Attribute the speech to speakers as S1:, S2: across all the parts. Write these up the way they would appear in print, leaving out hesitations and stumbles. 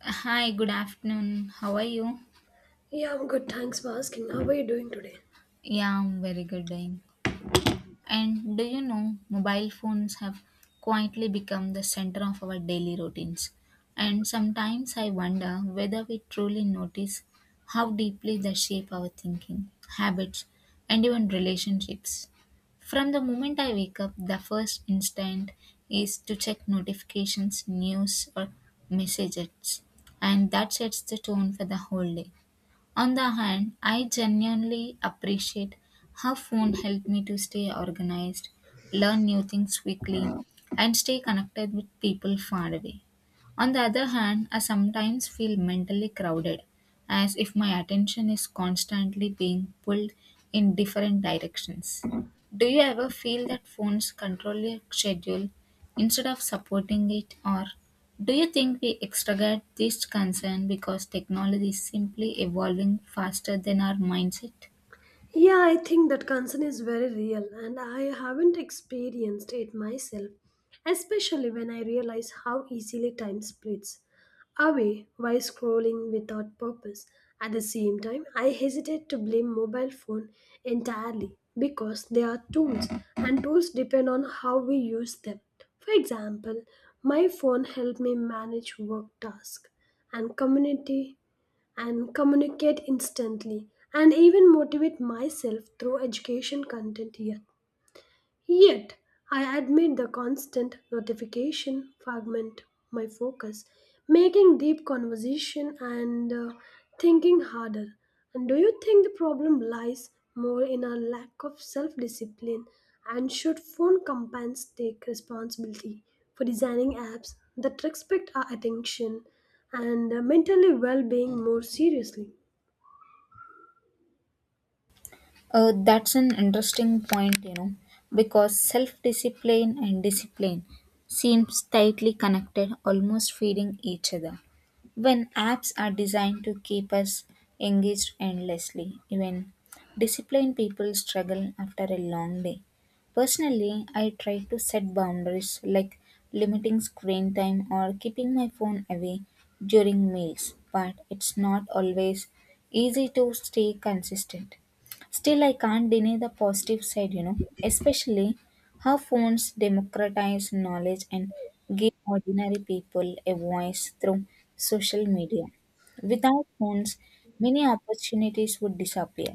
S1: Hi, good afternoon. How are you?
S2: Yeah, I'm good. Thanks for asking. How are you doing today?
S1: Yeah, I'm very good doing. And do you know mobile phones have quietly become the center of our daily routines? And sometimes I wonder whether we truly notice how deeply they shape our thinking, habits, and even relationships. From the moment I wake up, the first instinct is to check notifications, news, or messages, and that sets the tone for the whole day. On the hand, I genuinely appreciate how phone helped me to stay organized, learn new things quickly, and stay connected with people far away. On the other hand, I sometimes feel mentally crowded, as if my attention is constantly being pulled in different directions. Do you ever feel that phones control your schedule instead of supporting it, or do you think we exaggerate this concern because technology is simply evolving faster than our mindset?
S2: Yeah, I think that concern is very real, and I haven't experienced it myself, especially when I realize how easily time splits away while scrolling without purpose. At the same time, I hesitate to blame mobile phone entirely because they are tools, and tools depend on how we use them. For example, my phone helped me manage work tasks and community and communicate instantly and even motivate myself through education content here. Yet, I admit the constant notification fragment my focus, making deep conversation and thinking harder. And do you think the problem lies more in our lack of self discipline? And should phone companies take responsibility for designing apps that respect our attention and mentally well being more seriously?
S1: That's an interesting point, you know, because self discipline and discipline seems tightly connected, almost feeding each other. When apps are designed to keep us engaged endlessly, even disciplined people struggle after a long day. Personally, I try to set boundaries like limiting screen time or keeping my phone away during meals, but it's not always easy to stay consistent. Still, I can't deny the positive side, you know, especially how phones democratize knowledge and give ordinary people a voice through social media. Without phones, many opportunities would disappear.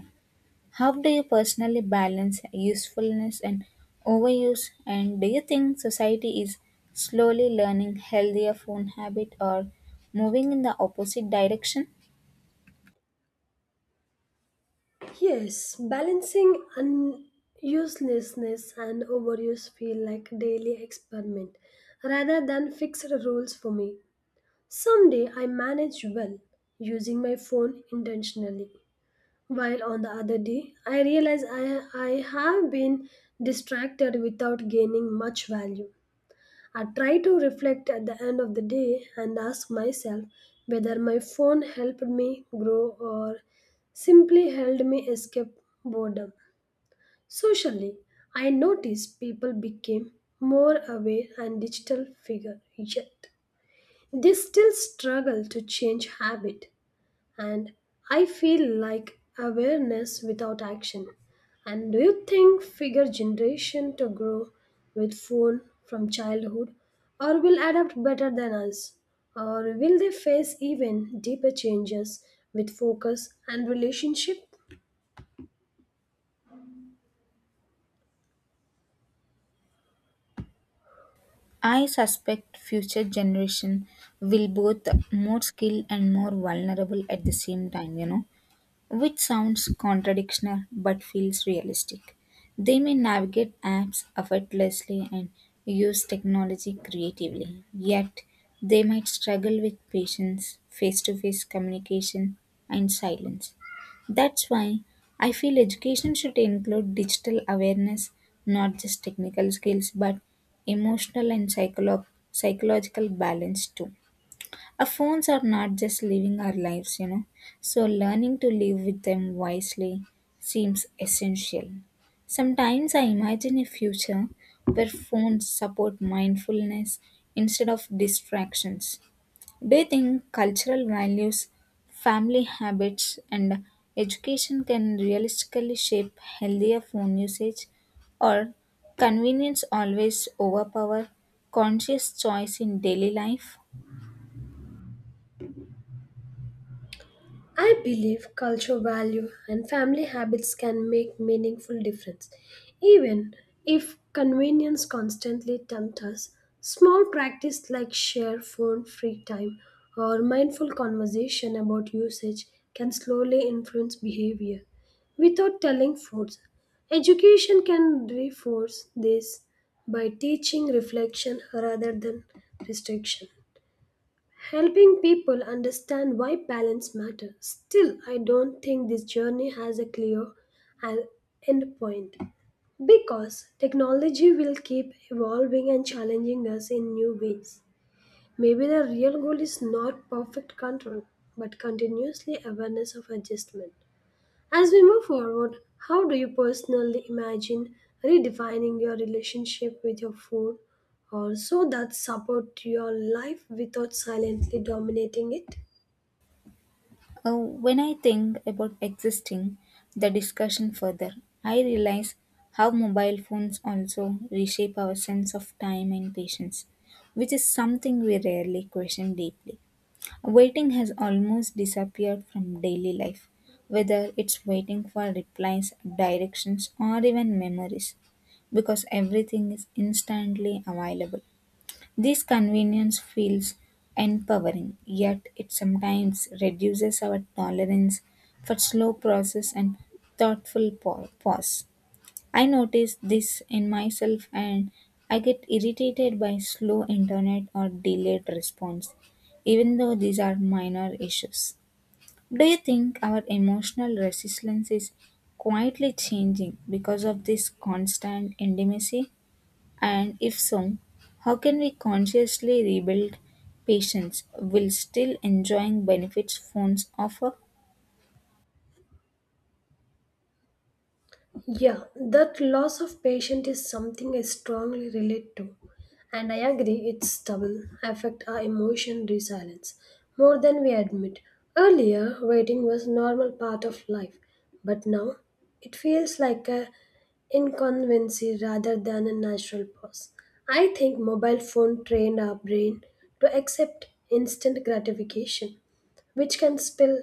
S1: How do you personally balance usefulness and overuse? And do you think society is slowly learning healthier phone habit or moving in the opposite direction?
S2: Yes, balancing uselessness and overuse feel like daily experiment rather than fixed rules for me. Someday I manage well using my phone intentionally, while on the other day I realize I have been distracted without gaining much value. I try to reflect at the end of the day and ask myself whether my phone helped me grow or simply helped me escape boredom. Socially, I noticed people became more aware and digital figure yet. They still struggle to change habit and I feel like awareness without action. And do you think figure generation to grow with phone from childhood or will adapt better than us? Or will they face even deeper changes with focus and relationship?
S1: I suspect future generation will both more skilled and more vulnerable at the same time, you know, which sounds contradictional but feels realistic. They may navigate apps effortlessly and use technology creatively, yet, they might struggle with patience, face to face communication, and silence. That's why I feel education should include digital awareness, not just technical skills, but emotional and psychological balance too. Our phones are not just living our lives, you know. So learning to live with them wisely seems essential. Sometimes I imagine a future where phones support mindfulness instead of distractions. Do you think cultural values, family habits, and education can realistically shape healthier phone usage, or convenience always overpower conscious choice in daily life?
S2: I believe culture value and family habits can make meaningful difference. Even if convenience constantly tempt us, small practice like share phone free time or mindful conversation about usage can slowly influence behavior without telling force. Education can reinforce this by teaching reflection rather than restriction. Helping people understand why balance matters. Still, I don't think this journey has a clear an- end point because technology will keep evolving and challenging us in new ways. Maybe the real goal is not perfect control but continuously awareness of adjustment. As we move forward, how do you personally imagine redefining your relationship with your food or so that support your life without silently dominating it?
S1: When I think about existing the discussion further, I realize how mobile phones also reshape our sense of time and patience, which is something we rarely question deeply. Waiting has almost disappeared from daily life, whether it's waiting for replies, directions, or even memories, because everything is instantly available. This convenience feels empowering, yet it sometimes reduces our tolerance for slow process and thoughtful pause. I notice this in myself and I get irritated by slow internet or delayed response, even though these are minor issues. Do you think our emotional resistance is quietly changing because of this constant intimacy? And if so, how can we consciously rebuild patience while still enjoying benefits phones offer?
S2: Yeah, that loss of patience is something I strongly relate to. And I agree its double affect our emotion resilience more than we admit. Earlier, waiting was normal part of life, but now it feels like a inconvenience rather than a natural pause. I think mobile phone trained our brain to accept instant gratification which can spill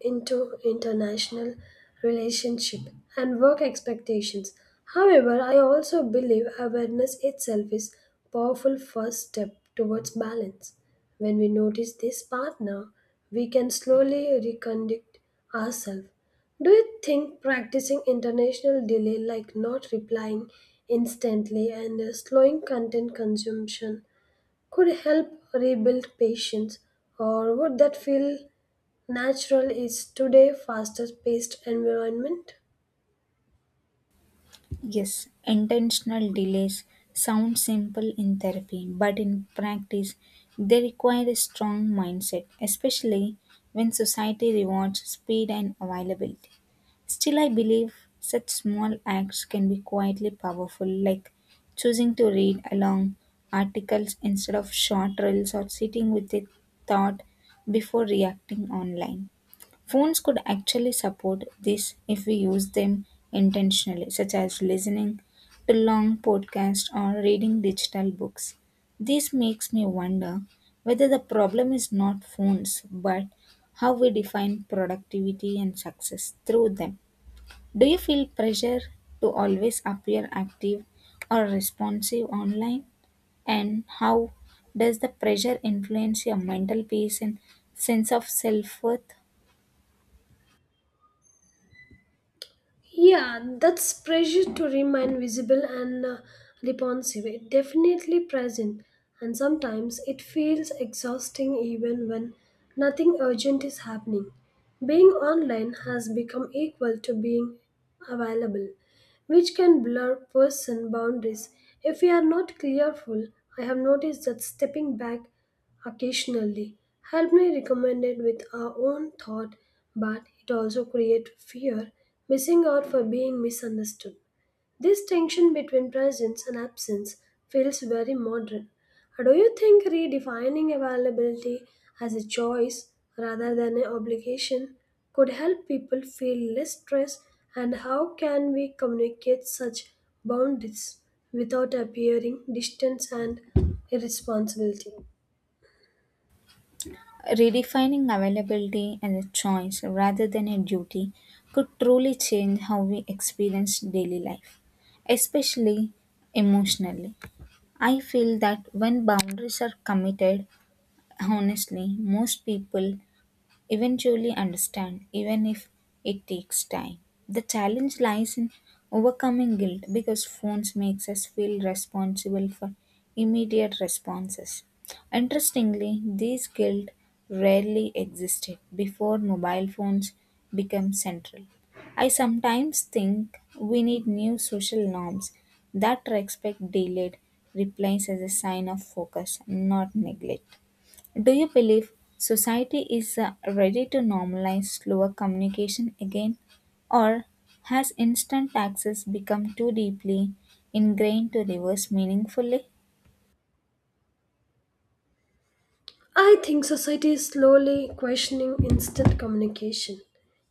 S2: into international relationship and work expectations. However, I also believe awareness itself is powerful first step towards balance. When we notice this partner, we can slowly reconduct ourselves. Do you think practicing international delay like not replying instantly and slowing content consumption could help rebuild patience, or would that feel natural is today faster paced environment?
S1: Yes, intentional delays sound simple in therapy, but in practice, they require a strong mindset, especially when society rewards speed and availability. Still, I believe such small acts can be quietly powerful, like choosing to read along articles instead of short reels or sitting with a thought before reacting online. Phones could actually support this if we use them intentionally, such as listening to long podcasts or reading digital books. This makes me wonder whether the problem is not phones, but how we define productivity and success through them. Do you feel pressure to always appear active or responsive online? And how does the pressure influence your mental peace and sense of self worth?
S2: Yeah, that's pressure to remain visible and responsive. It definitely present, and sometimes it feels exhausting even when nothing urgent is happening. Being online has become equal to being available, which can blur person boundaries if we are not careful. I have noticed that stepping back occasionally, help may recommended with our own thought, but it also creates fear, missing out for being misunderstood. This tension between presence and absence feels very modern. Do you think redefining availability as a choice rather than an obligation could help people feel less stress? And how can we communicate such boundaries without appearing distant and irresponsibility?
S1: Redefining availability as a choice rather than a duty could truly change how we experience daily life, especially emotionally. I feel that when boundaries are committed honestly, most people eventually understand, even if it takes time. The challenge lies in overcoming guilt because phones makes us feel responsible for immediate responses. Interestingly, this guilt rarely existed before mobile phones became central. I sometimes think we need new social norms that respect delayed replies as a sign of focus, not neglect. Do you believe society is ready to normalize slower communication again, or has instant access become too deeply ingrained to reverse meaningfully?
S2: I think society is slowly questioning instant communication,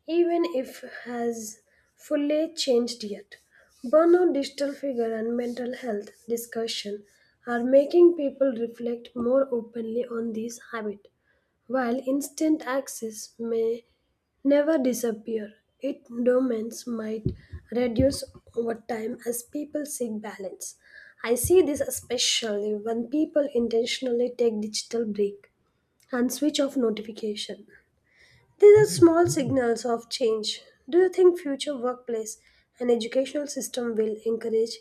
S2: even if has fully changed yet. Burnout, digital figure, and mental health discussion are making people reflect more openly on these habits. While instant access may never disappear, its dominance might reduce over time as people seek balance. I see this especially when people intentionally take digital break and switch off notification. These are small signals of change. Do you think future workplace and educational system will encourage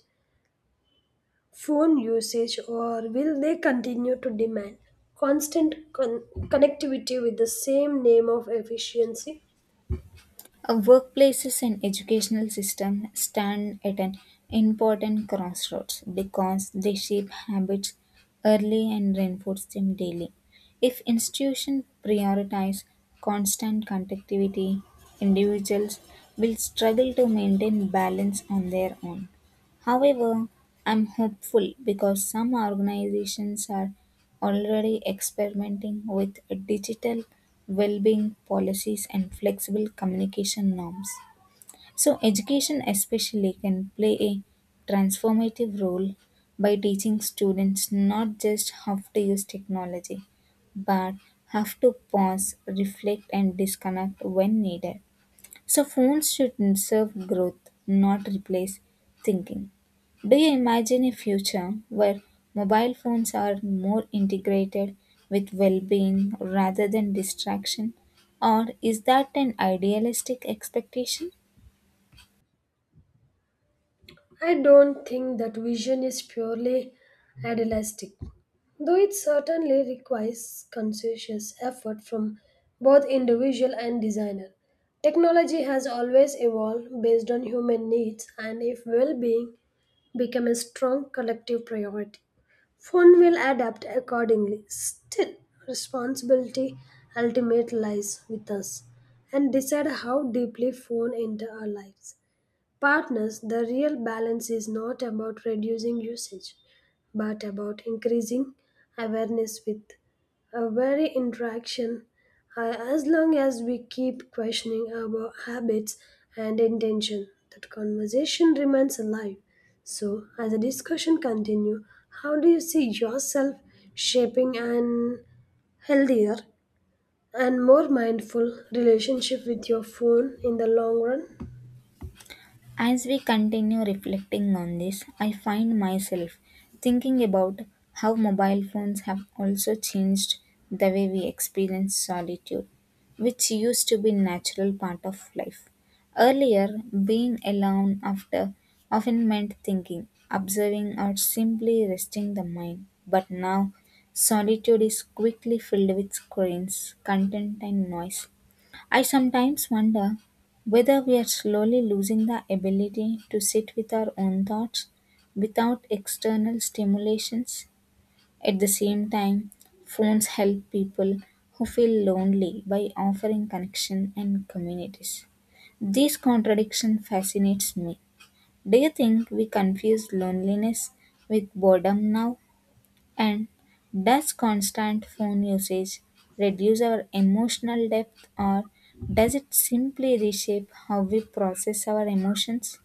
S2: phone usage or will they continue to demand constant connectivity with the same name of efficiency?
S1: Our workplaces and educational system stand at an important crossroads because they shape habits early and reinforce them daily. If institutions prioritize constant connectivity, individuals will struggle to maintain balance on their own. However, I'm hopeful because some organizations are already experimenting with digital well-being policies and flexible communication norms. So education especially can play a transformative role by teaching students not just how to use technology but how to pause, reflect and disconnect when needed. So phones should serve growth, not replace thinking. Do you imagine a future where mobile phones are more integrated with well being rather than distraction? Or is that an idealistic expectation?
S2: I don't think that vision is purely idealistic. Though it certainly requires conscious effort from both individual and designer, technology has always evolved based on human needs and if well-being become a strong collective priority. Phone will adapt accordingly. Still, responsibility ultimately lies with us and decide how deeply phone enter our lives. Partners, the real balance is not about reducing usage, but about increasing awareness with a very interaction. As long as we keep questioning our habits and intention, that conversation remains alive. So, as the discussion continue, how do you see yourself shaping an healthier and more mindful relationship with your phone in the long run?
S1: As we continue reflecting on this, I find myself thinking about how mobile phones have also changed the way we experience solitude, which used to be natural part of life. Earlier, being alone after often meant thinking, observing or simply resting the mind, but now solitude is quickly filled with screens, content and noise. I sometimes wonder whether we are slowly losing the ability to sit with our own thoughts without external stimulations. At the same time, phones help people who feel lonely by offering connection and communities. This contradiction fascinates me. Do you think we confuse loneliness with boredom now? And does constant phone usage reduce our emotional depth or does it simply reshape how we process our emotions?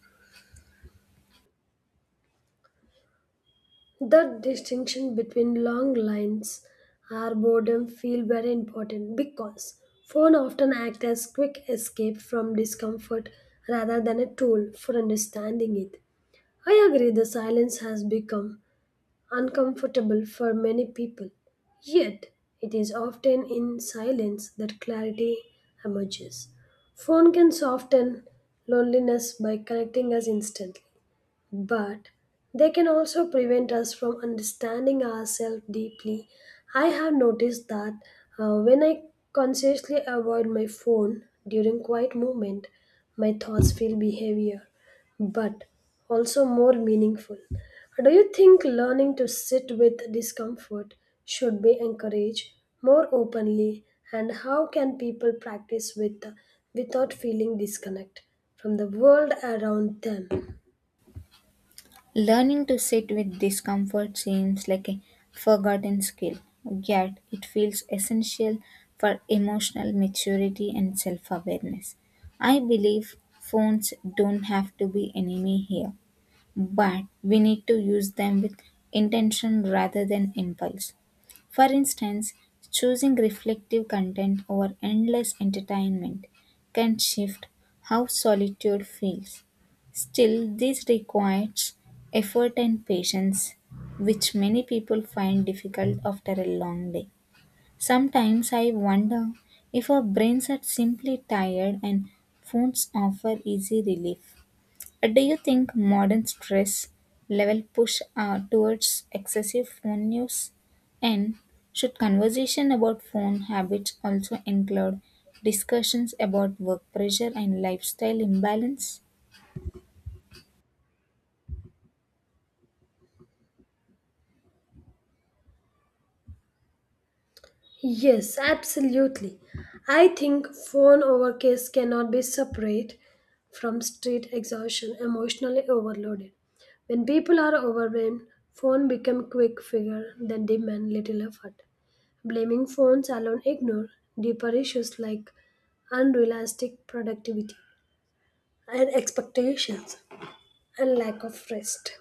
S2: The distinction between long lines or boredom feel very important because phone often act as quick escape from discomfort rather than a tool for understanding it. I agree the silence has become uncomfortable for many people, yet it is often in silence that clarity emerges. Phone can soften loneliness by connecting us instantly but they can also prevent us from understanding ourselves deeply. I have noticed that when I consciously avoid my phone during quiet moment, my thoughts feel behavior, but also more meaningful. Do you think learning to sit with discomfort should be encouraged more openly, and how can people practice with without feeling disconnect from the world around them?
S1: Learning to sit with discomfort seems like a forgotten skill, yet, it feels essential for emotional maturity and self awareness. I believe phones don't have to be enemy here, but we need to use them with intention rather than impulse. For instance, choosing reflective content over endless entertainment can shift how solitude feels. Still, this requires effort and patience, which many people find difficult after a long day. Sometimes I wonder if our brains are simply tired and phones offer easy relief. Do you think modern stress level push towards excessive phone use? And should conversation about phone habits also include discussions about work pressure and lifestyle imbalance?
S2: Yes, absolutely. I think phone overcase cannot be separate from street exhaustion, emotionally overloaded. When people are overwhelmed, phone become quick figure that demand little effort. Blaming phones alone ignore deeper issues like unrealistic productivity and expectations and lack of rest.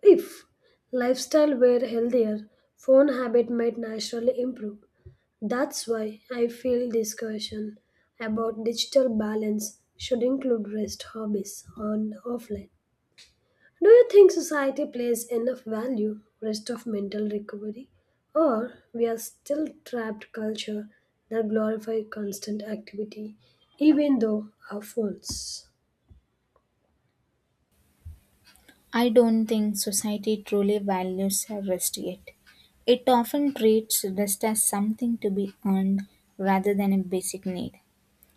S2: If lifestyle were healthier, phone habit might naturally improve. That's why I feel discussion about digital balance should include rest hobbies on offline. Do you think society plays enough value rest of mental recovery or we are still trapped culture that glorify constant activity even though our phones?
S1: I don't think society truly values rest yet. It often treats rest as something to be earned rather than a basic need.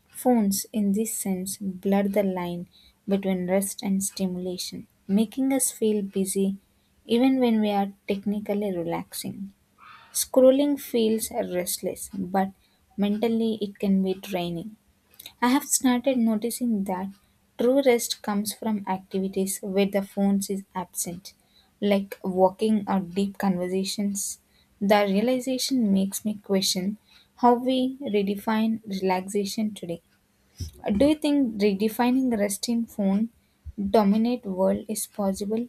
S1: Phones, in this sense, blur the line between rest and stimulation, making us feel busy even when we are technically relaxing. Scrolling feels restless, but mentally it can be draining. I have started noticing that true rest comes from activities where the phone is absent, like walking or deep conversations. The realization makes me question how we redefine relaxation today. Do you think redefining rest in phone dominate world is possible?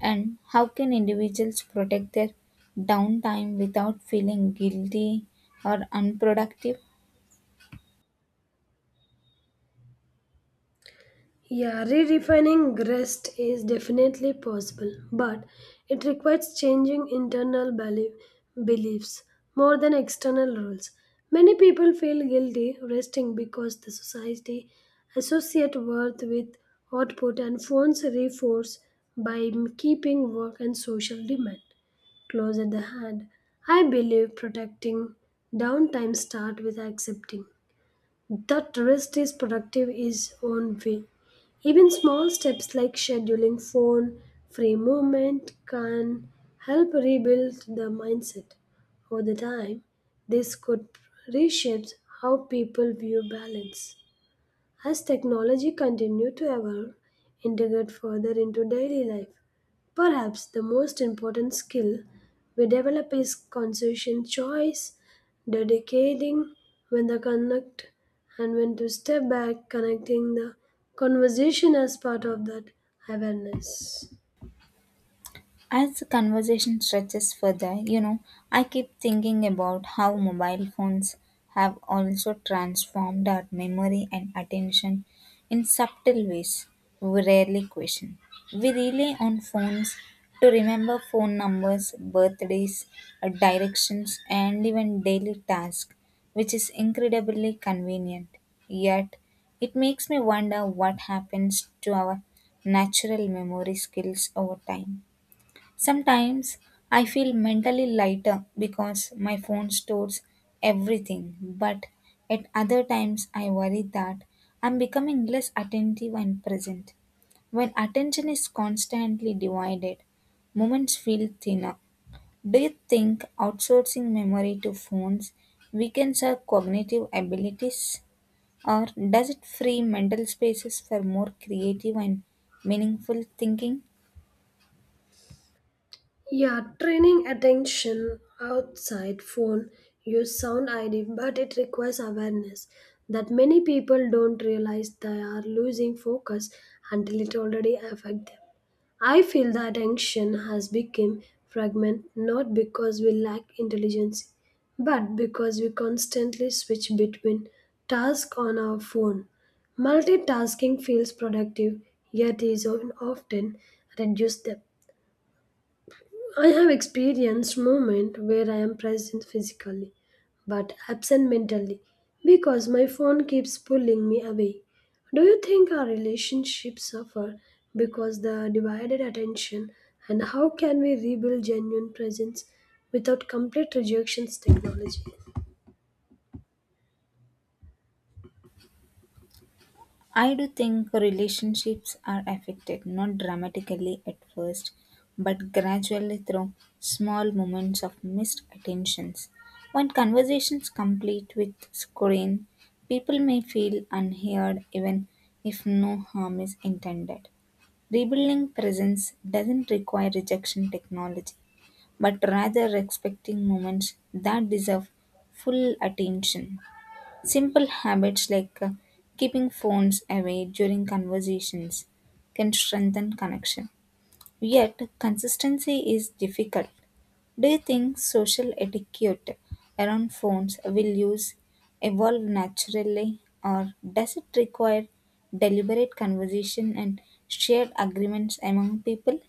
S1: And how can individuals protect their downtime without feeling guilty or unproductive?
S2: Yeah, re-refining rest is definitely possible, but it requires changing internal beliefs more than external rules. Many people feel guilty resting because the society associate worth with output and phones reinforce by keeping work and social demand close at the hand. I believe protecting downtime start with accepting that rest is productive is own way. Even small steps like scheduling phone free movement can help rebuild the mindset. Over the time, this could reshape how people view balance as technology continues to evolve, integrate further into daily life. Perhaps the most important skill we develop is conscious choice, dedicating when to connect and when to step back, connecting the conversation as part of that awareness.
S1: As the conversation stretches further, you know, I keep thinking about how mobile phones have also transformed our memory and attention in subtle ways we rarely question. We rely on phones to remember phone numbers, birthdays, directions, and even daily tasks, which is incredibly convenient. Yet, it makes me wonder what happens to our natural memory skills over time. Sometimes I feel mentally lighter because my phone stores everything, but at other times I worry that I'm becoming less attentive and present. When attention is constantly divided, moments feel thinner. Do you think outsourcing memory to phones weakens our cognitive abilities, or does it free mental spaces for more creative and meaningful thinking?
S2: Yeah, training attention outside phone use sound ID, but it requires awareness that many people don't realize they are losing focus until it already affects them. I feel the attention has become fragment not because we lack intelligence, but because we constantly switch between tasks on our phone. Multitasking feels productive, yet is often reduced depth. I have experienced moments where I am present physically but absent mentally because my phone keeps pulling me away. Do you think our relationships suffer because the divided attention and how can we rebuild genuine presence without complete rejections technology?
S1: I do think relationships are affected, not dramatically at first, but gradually through small moments of missed attentions. When conversations complete with screen, people may feel unheard even if no harm is intended. Rebuilding presence doesn't require rejection technology, but rather respecting moments that deserve full attention. Simple habits like keeping phones away during conversations can strengthen connection. Yet, consistency is difficult. Do you think social etiquette around phones will use evolve naturally or does it require deliberate conversation and shared agreements among people?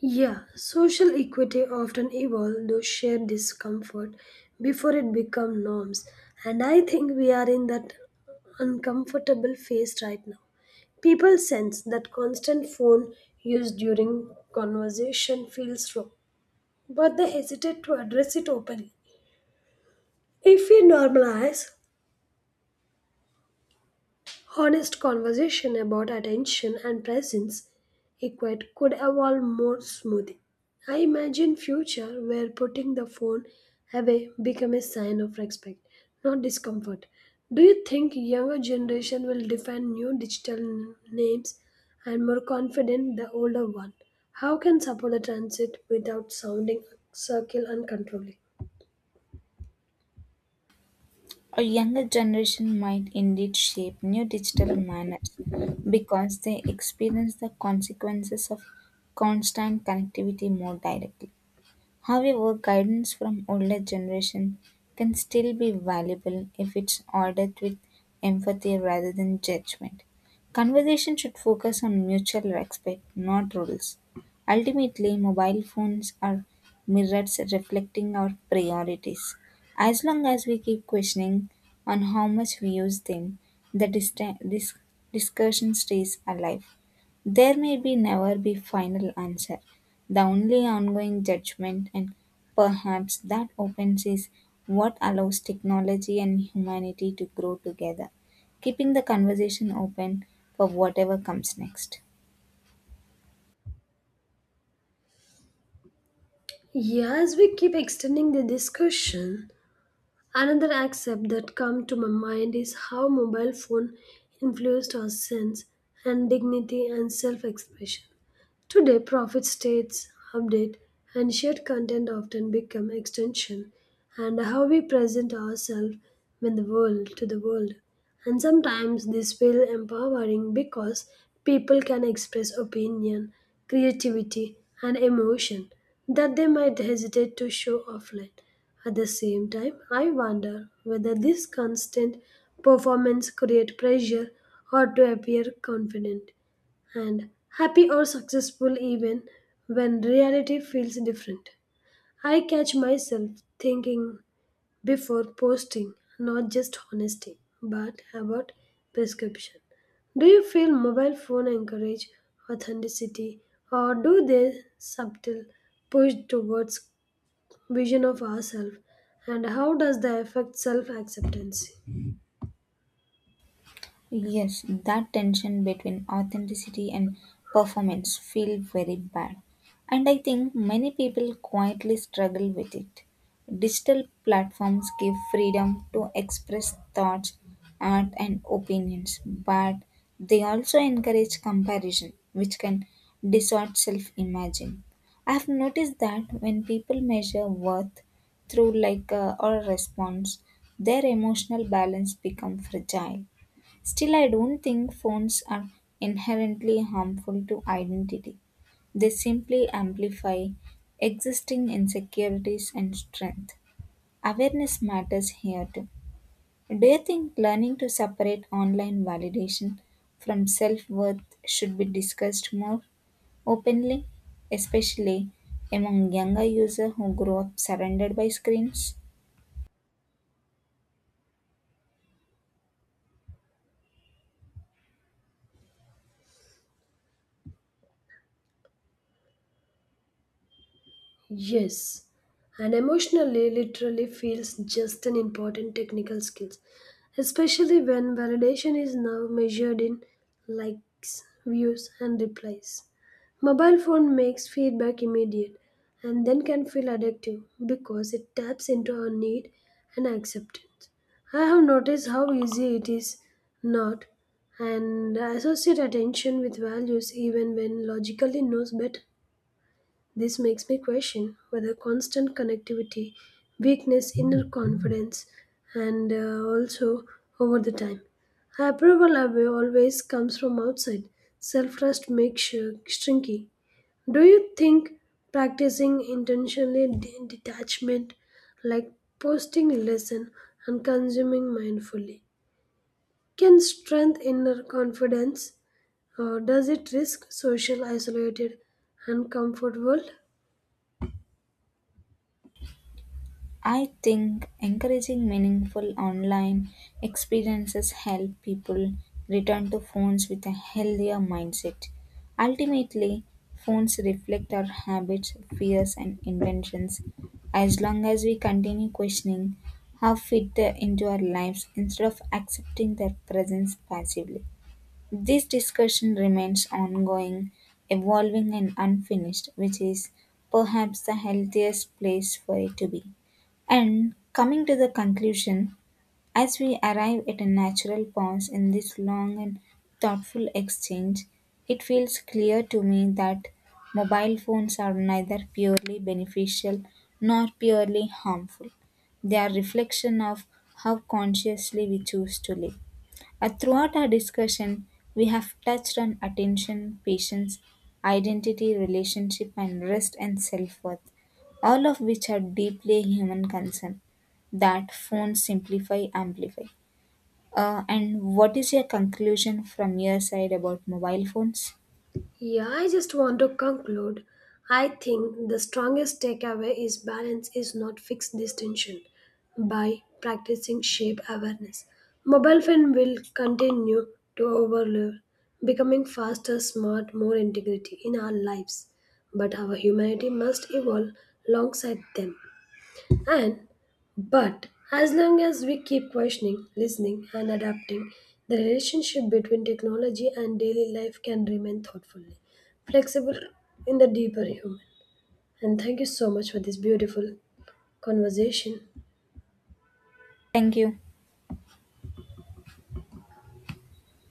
S2: Yeah, social equity often evolve those shared discomfort before it become norms and I think we are in that uncomfortable phase right now. People sense that constant phone use during conversation feels wrong, but they hesitate to address it openly. If we normalize honest conversation about attention and presence equate could evolve more smoothly. I imagine future where putting the phone away become a sign of respect, not discomfort. Do you think younger generation will define new digital names and more confident the older one? How can support the transit without sounding circle uncontrollably?
S1: A younger generation might indeed shape new digital manners because they experience the consequences of constant connectivity more directly. However, guidance from older generation can still be valuable if it's ordered with empathy rather than judgment. Conversation should focus on mutual respect, not rules. Ultimately, mobile phones are mirrors reflecting our priorities. As long as we keep questioning on how much we use them, the discussion stays alive. There may be never be final answer. The only ongoing judgment and perhaps that opens is what allows technology and humanity to grow together, keeping the conversation open for whatever comes next.
S2: Yeah, as we keep extending the discussion, another aspect that come to my mind is how mobile phone influenced our sense and dignity and self-expression. Today, profit states, update, and shared content often become extension and how we present ourselves in the world to the world. And sometimes this feel empowering because people can express opinion, creativity, and emotion that they might hesitate to show offline. At the same time, I wonder whether this constant performance create pressure or to appear confident and happy or successful even when reality feels different. I catch myself thinking before posting not just honesty but about prescription. Do you feel mobile phone encourage authenticity or do they subtle push towards vision of ourselves and how does that affect self acceptance?
S1: Yes, that tension between authenticity and performance feel very bad. And I think many people quietly struggle with it. Digital platforms give freedom to express thoughts, art and opinions, but they also encourage comparison, which can distort self-imagine. I've noticed that when people measure worth through like or a response, their emotional balance become fragile. Still, I don't think phones are inherently harmful to identity. They simply amplify existing insecurities and strength. Awareness matters here too. Do you think learning to separate online validation from self worth should be discussed more openly, especially among younger users who grow up surrounded by screens?
S2: Yes, and emotionally literally feels just an important technical skills, especially when validation is now measured in likes, views, and replies. Mobile phone makes feedback immediate and then can feel addictive because it taps into our need and acceptance. I have noticed how easy it is not and I associate attention with values even when logically knows better. This makes me question whether constant connectivity weakness inner confidence and also over the time. Approval away always comes from outside. Self trust makes shrinky. Do you think practicing intentionally detachment, like posting lesson and consuming mindfully, can strengthen inner confidence, or does it risk social isolated and comfort world?
S1: I think encouraging meaningful online experiences help people return to phones with a healthier mindset. Ultimately, phones reflect our habits, fears, and intentions. As long as we continue questioning how fit they into our lives instead of accepting their presence passively. This discussion remains ongoing, evolving, and unfinished, which is perhaps the healthiest place for it to be. And coming to the conclusion, as we arrive at a natural pause in this long and thoughtful exchange, it feels clear to me that mobile phones are neither purely beneficial nor purely harmful. They are reflection of how consciously we choose to live. Throughout our discussion, we have touched on attention, patience, identity, relationship, and rest and self worth, all of which are deeply human concerns that phones simplify, amplify. And what is your conclusion from your side about mobile phones?
S2: Yeah, I just want to conclude. I think the strongest takeaway is balance is not fixed distinction by practicing shape awareness. Mobile phone will continue to overload, becoming faster, smart, more integrity in our lives. But our humanity must evolve alongside them. And but as long as we keep questioning, listening, and adapting, the relationship between technology and daily life can remain thoughtfully flexible in the deeper human. And thank you so much for this beautiful conversation.
S1: Thank you.